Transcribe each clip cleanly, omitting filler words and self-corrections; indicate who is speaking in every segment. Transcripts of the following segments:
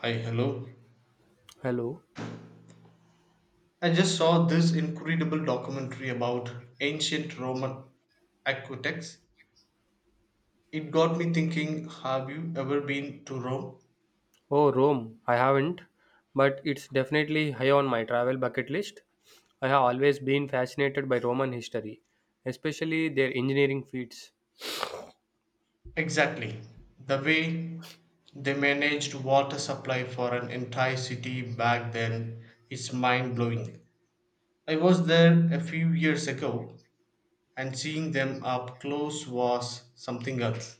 Speaker 1: Hi, hello.
Speaker 2: Hello.
Speaker 1: I just saw this incredible documentary about ancient Roman aqueducts. It got me thinking, have you ever been to Rome?
Speaker 2: Oh, Rome. I haven't, but it's definitely high on my travel bucket list. I have always been fascinated by Roman history, especially their engineering feats.
Speaker 1: Exactly. The way they managed water supply for an entire city back then is mind blowing. I was there a few years ago, and seeing them up close was something else.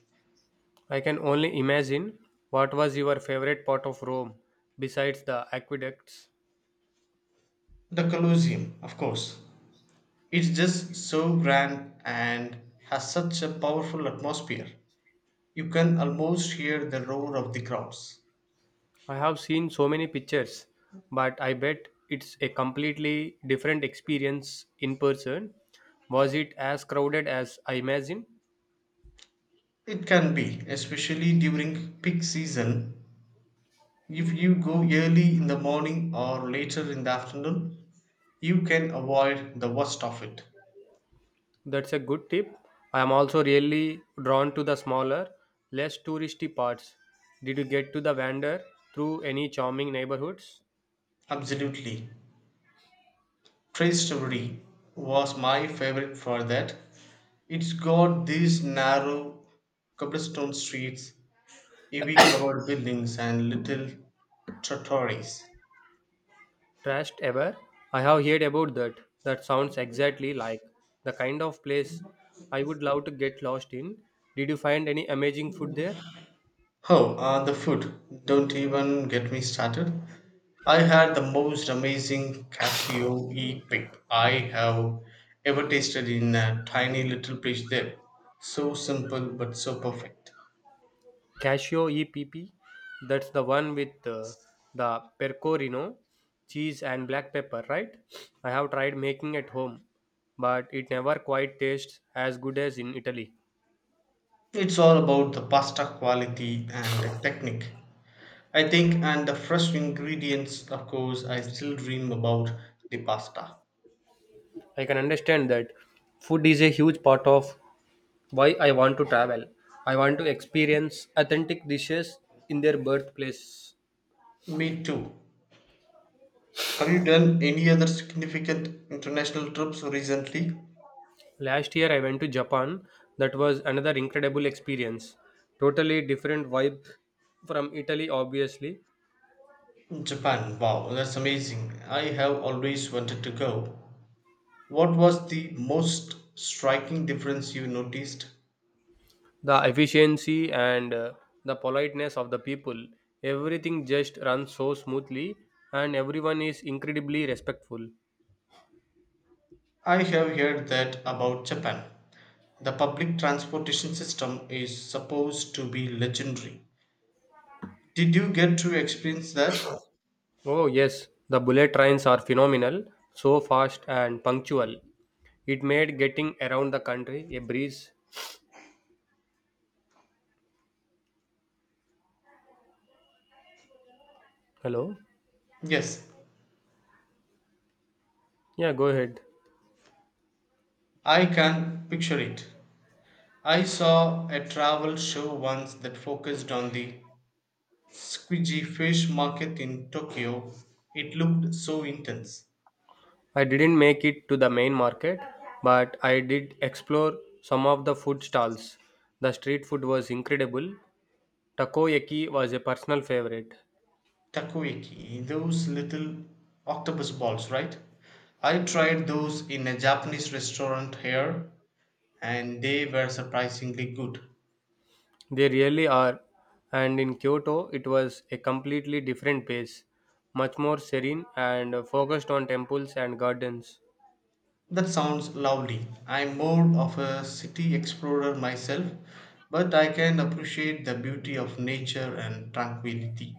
Speaker 2: I can only imagine, what was your favorite part of Rome besides the aqueducts?
Speaker 1: The Colosseum, of course, it's just so grand and has such a powerful atmosphere. You can almost hear the roar of the crowds.
Speaker 2: I have seen so many pictures, but I bet it's a completely different experience in person. Was it as crowded as I imagine?
Speaker 1: It can be, especially during peak season. If you go early in the morning or later in the afternoon, you can avoid the worst of it.
Speaker 2: That's a good tip. I am also really drawn to the smaller, less touristy parts. Did you get to the wander through any charming neighborhoods?
Speaker 1: Absolutely. Trace Story was my favorite for that. It's got these narrow cobblestone streets, heavy covered buildings, and little trattorias.
Speaker 2: Trashed ever? I have heard about that. That sounds exactly like the kind of place I would love to get lost in. Did you find any amazing food there?
Speaker 1: Oh, the food. Don't even get me started. I had the most amazing Casio E pip I have ever tasted in a tiny little place there. So simple but so perfect.
Speaker 2: Casio EPP, that's the one with the pecorino, cheese, and black pepper, right? I have tried making at home, but it never quite tastes as good as in Italy.
Speaker 1: It's all about the pasta quality and the technique, I think, and the fresh ingredients, of course. I still dream about the pasta.
Speaker 2: I can understand that food is a huge part of why I want to travel. I want to experience authentic dishes in their birthplace.
Speaker 1: Me too. Have you done any other significant international trips recently?
Speaker 2: Last year I went to Japan. That was another incredible experience. Totally different vibe from Italy, obviously.
Speaker 1: Japan, wow, that's amazing. I have always wanted to go. What was the most striking difference you noticed?
Speaker 2: The efficiency and the politeness of the people, everything just runs so smoothly and everyone is incredibly respectful.
Speaker 1: I have heard that about Japan. The public transportation system is supposed to be legendary. Did you get to experience that?
Speaker 2: Oh yes, the bullet trains are phenomenal, so fast and punctual. It made getting around the country a breeze. Hello?
Speaker 1: Yes,
Speaker 2: Yeah, go ahead.
Speaker 1: I can picture it. I saw a travel show once that focused on the squidgy fish market in Tokyo. It looked so intense.
Speaker 2: I didn't make it to the main market, but I did explore some of the food stalls. The street food was incredible. Takoyaki was a personal favorite.
Speaker 1: Takoyaki, those little octopus balls, right? I tried those in a Japanese restaurant here, and they were surprisingly good.
Speaker 2: They really are. And in Kyoto, it was a completely different pace, much more serene and focused on temples and gardens.
Speaker 1: That sounds lovely. I'm more of a city explorer myself, but I can appreciate the beauty of nature and tranquility.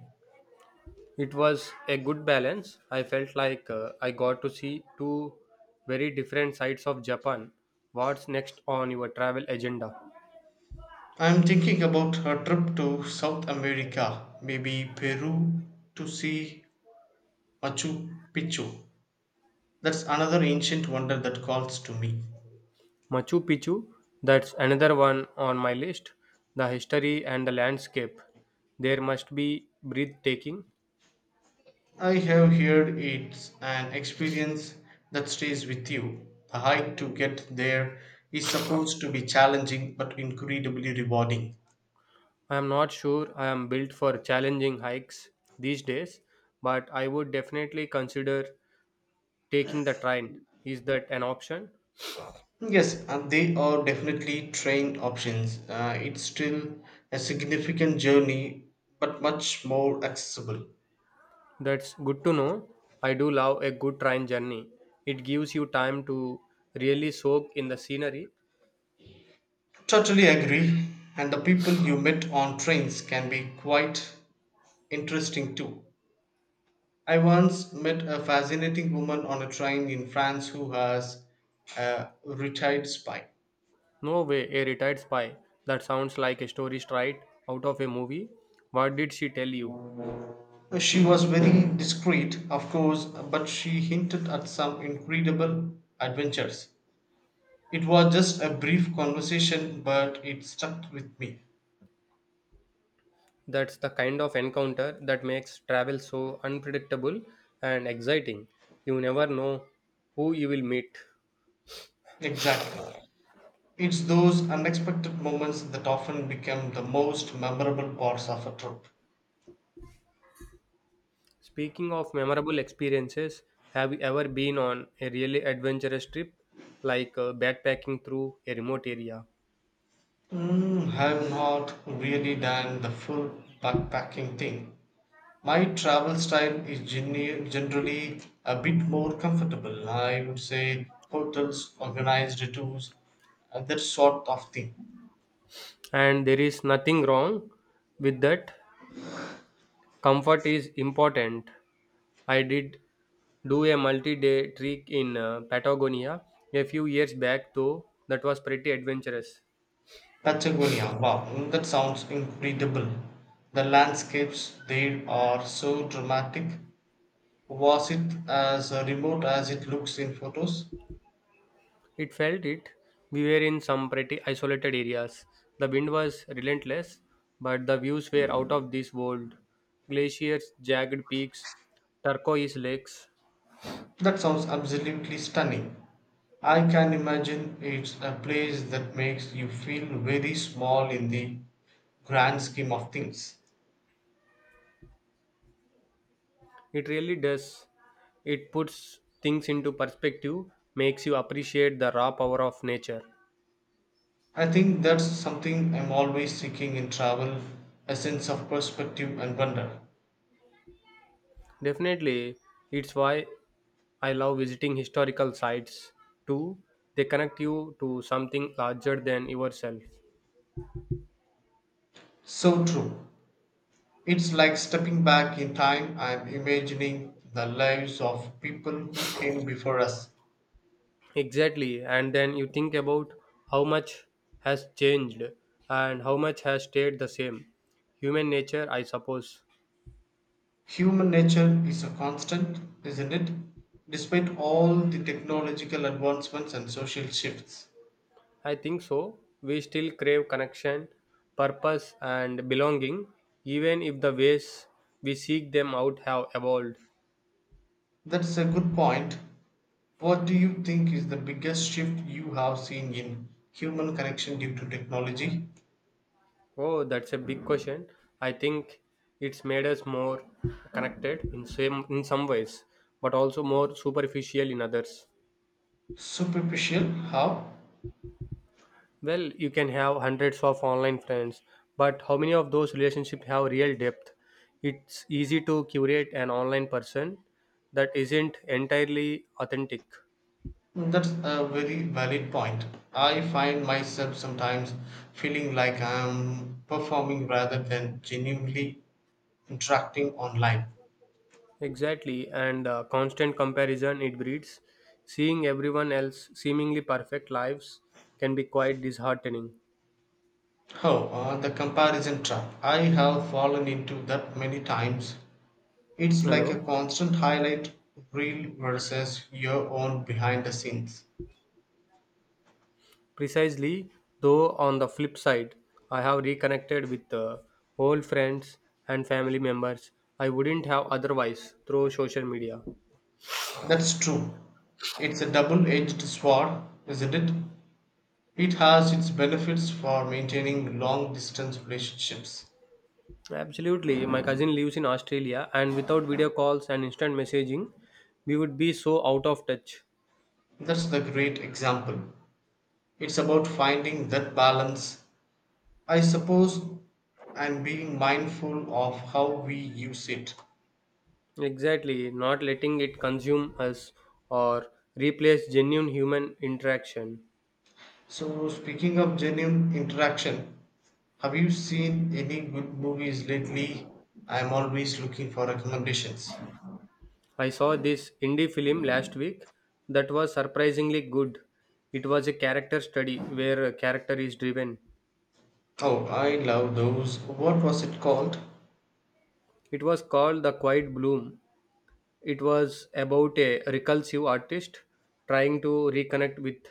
Speaker 2: It was a good balance. I felt like I got to see two very different sides of Japan. What's next on your travel agenda?
Speaker 1: I'm thinking about a trip to South America, maybe Peru, to see Machu Picchu. That's another ancient wonder that calls to me.
Speaker 2: Machu Picchu, that's another one on my list. The history and the landscape. There must be breathtaking.
Speaker 1: I have heard it's an experience that stays with you. The hike to get there is supposed to be challenging but incredibly rewarding.
Speaker 2: I am not sure I am built for challenging hikes these days, but I would definitely consider taking the train. Is that an option?
Speaker 1: Yes, and they are definitely train options. It's still a significant journey but much more accessible.
Speaker 2: That's good to know. I do love a good train journey. It gives you time to really soak in the scenery.
Speaker 1: Totally agree, and the people you met on trains can be quite interesting too. I once met a fascinating woman on a train in France who has a retired spine.
Speaker 2: No way, a retired spy. That sounds like a story straight out of a movie. What did she tell you?
Speaker 1: She was very discreet, of course, but she hinted at some incredible adventures. It was just a brief conversation, but it stuck with me.
Speaker 2: That's the kind of encounter that makes travel so unpredictable and exciting. You never know who you will meet.
Speaker 1: Exactly. It's those unexpected moments that often become the most memorable parts of a trip.
Speaker 2: Speaking of memorable experiences, have you ever been on a really adventurous trip, like backpacking through a remote area?
Speaker 1: Mm, I've not really done the full backpacking thing. My travel style is generally a bit more comfortable. I would say hotels, organized tours, that sort of thing.
Speaker 2: And there is nothing wrong with that. Comfort is important. I did do a multi day trek in Patagonia a few years back, though, that was pretty adventurous.
Speaker 1: Patagonia, wow, mm, that sounds incredible. The landscapes there are so dramatic. Was it as remote as it looks in photos?
Speaker 2: It felt it. We were in some pretty isolated areas. The wind was relentless, but the views were out of this world. Glaciers, jagged peaks, turquoise lakes.
Speaker 1: That sounds absolutely stunning. I can imagine it's a place that makes you feel very small in the grand scheme of things.
Speaker 2: It really does. It puts things into perspective, makes you appreciate the raw power of nature.
Speaker 1: I think that's something I'm always seeking in travel, a sense of perspective and wonder.
Speaker 2: Definitely, it's why I love visiting historical sites too. They connect you to something larger than yourself.
Speaker 1: So true. It's like stepping back in time and imagining the lives of people who came before us.
Speaker 2: Exactly. And then you think about how much has changed and how much has stayed the same. Human nature, I suppose.
Speaker 1: Human nature is a constant, isn't it? Despite all the technological advancements and social shifts.
Speaker 2: I think so. We still crave connection, purpose, and belonging, even if the ways we seek them out have evolved.
Speaker 1: That's a good point. What do you think is the biggest shift you have seen in human connection due to technology?
Speaker 2: Oh, that's a big question. I think it's made us more connected in some ways, but also more superficial in others.
Speaker 1: Superficial? How?
Speaker 2: Well, you can have hundreds of online friends, but how many of those relationships have real depth? It's easy to curate an online person that isn't entirely authentic.
Speaker 1: That's a very valid point. I find myself sometimes feeling like I'm performing rather than genuinely interacting online.
Speaker 2: Exactly, and constant comparison it breeds. Seeing everyone else seemingly perfect lives can be quite disheartening.
Speaker 1: Oh, the comparison trap. I have fallen into that many times. It's
Speaker 2: Hello?
Speaker 1: like a constant highlight reel versus your own behind the scenes.
Speaker 2: Precisely, though, on the flip side, I have reconnected with old friends and family members I wouldn't have otherwise through social media.
Speaker 1: That's true. It's a double edged sword, isn't it? It has its benefits for maintaining long distance relationships.
Speaker 2: Absolutely, my cousin lives in Australia, and without video calls and instant messaging, we would be so out of touch.
Speaker 1: That's the great example. It's about finding that balance, I suppose, and being mindful of how we use it.
Speaker 2: Exactly, not letting it consume us or replace genuine human interaction.
Speaker 1: So, speaking of genuine interaction, have you seen any good movies lately? I'm always looking for recommendations.
Speaker 2: I saw this indie film last week that was surprisingly good. It was a character study where a character is driven.
Speaker 1: Oh, I love those. What was it called?
Speaker 2: It was called The Quiet Bloom. It was about a recursive artist trying to reconnect with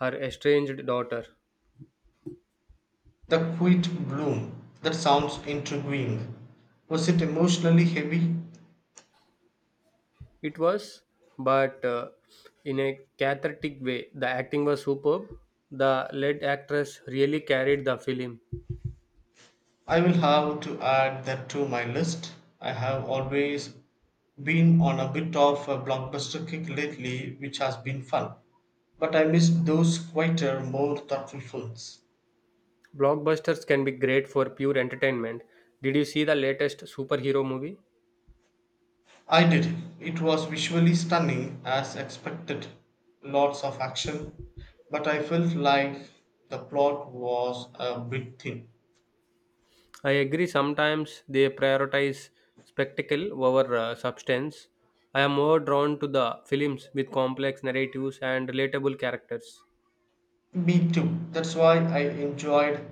Speaker 2: her estranged daughter.
Speaker 1: The Quiet Bloom. That sounds intriguing. Was it emotionally heavy?
Speaker 2: It was, but in a cathartic way. The acting was superb. The lead actress really carried the film.
Speaker 1: I will have to add that to my list. I have always been on a bit of a blockbuster kick lately, which has been fun, but I missed those quieter, more thoughtful films.
Speaker 2: Blockbusters can be great for pure entertainment. Did you see the latest superhero movie?
Speaker 1: I did. It was visually stunning as expected. Lots of action. But I felt like the plot was a bit thin.
Speaker 2: I agree. Sometimes they prioritize spectacle over substance. I am more drawn to the films with complex narratives and relatable characters.
Speaker 1: Me too. That's why I enjoyed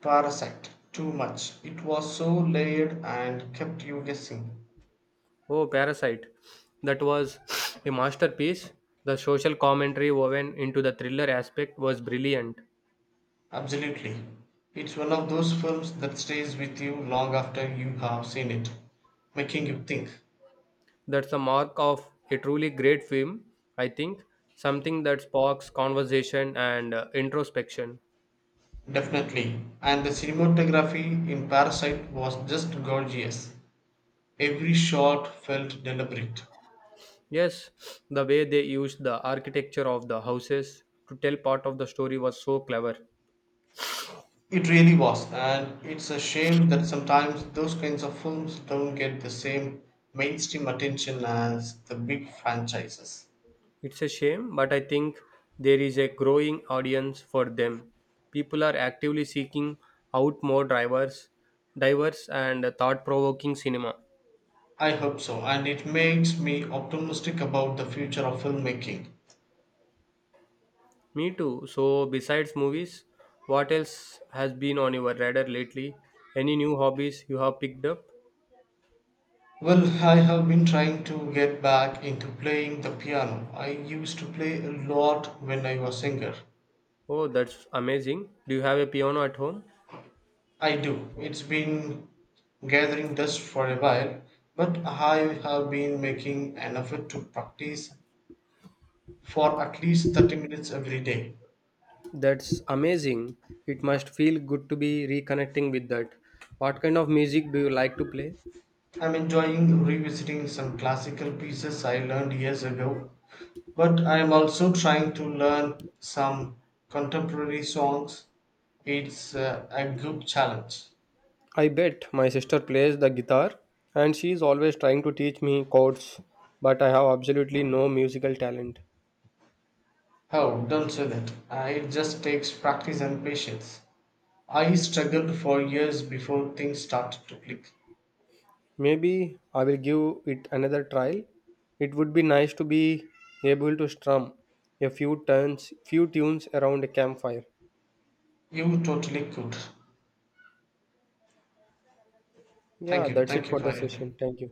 Speaker 1: Parasite too much. It was so layered and kept you guessing.
Speaker 2: Oh, Parasite. That was a masterpiece. The social commentary woven into the thriller aspect was brilliant.
Speaker 1: Absolutely. It's one of those films that stays with you long after you have seen it, making you think.
Speaker 2: That's the mark of a truly great film, I think. Something that sparks conversation and introspection.
Speaker 1: Definitely. And the cinematography in Parasite was just gorgeous. Every shot felt deliberate.
Speaker 2: Yes, the way they used the architecture of the houses to tell part of the story was so clever.
Speaker 1: It really was, and it's a shame that sometimes those kinds of films don't get the same mainstream attention as the big franchises.
Speaker 2: It's a shame, but I think there is a growing audience for them. People are actively seeking out more diverse, and thought-provoking cinema.
Speaker 1: I hope so, and it makes me optimistic about the future of filmmaking.
Speaker 2: Me too. So, besides movies, what else has been on your radar lately? Any new hobbies you have picked up?
Speaker 1: Well, I have been trying to get back into playing the piano. I used to play a lot when I was younger.
Speaker 2: Oh, that's amazing. Do you have a piano at home?
Speaker 1: I do. It's been gathering dust for a while, but I have been making an effort to practice for at least 30 minutes every day.
Speaker 2: That's amazing. It must feel good to be reconnecting with that. What kind of music do you like to play?
Speaker 1: I'm enjoying revisiting some classical pieces I learned years ago, but I'm also trying to learn some contemporary songs. It's a good challenge.
Speaker 2: I bet my sister plays the guitar and she is always trying to teach me chords, but I have absolutely no musical talent.
Speaker 1: Oh, don't say that! It just takes practice and patience. I struggled for years before things started to click.
Speaker 2: Maybe I will give it another try. It would be nice to be able to strum few tunes around a campfire.
Speaker 1: You totally could.
Speaker 2: Yeah, that's it
Speaker 1: Thank you
Speaker 2: for
Speaker 1: for
Speaker 2: the
Speaker 1: it.
Speaker 2: session. Thank you.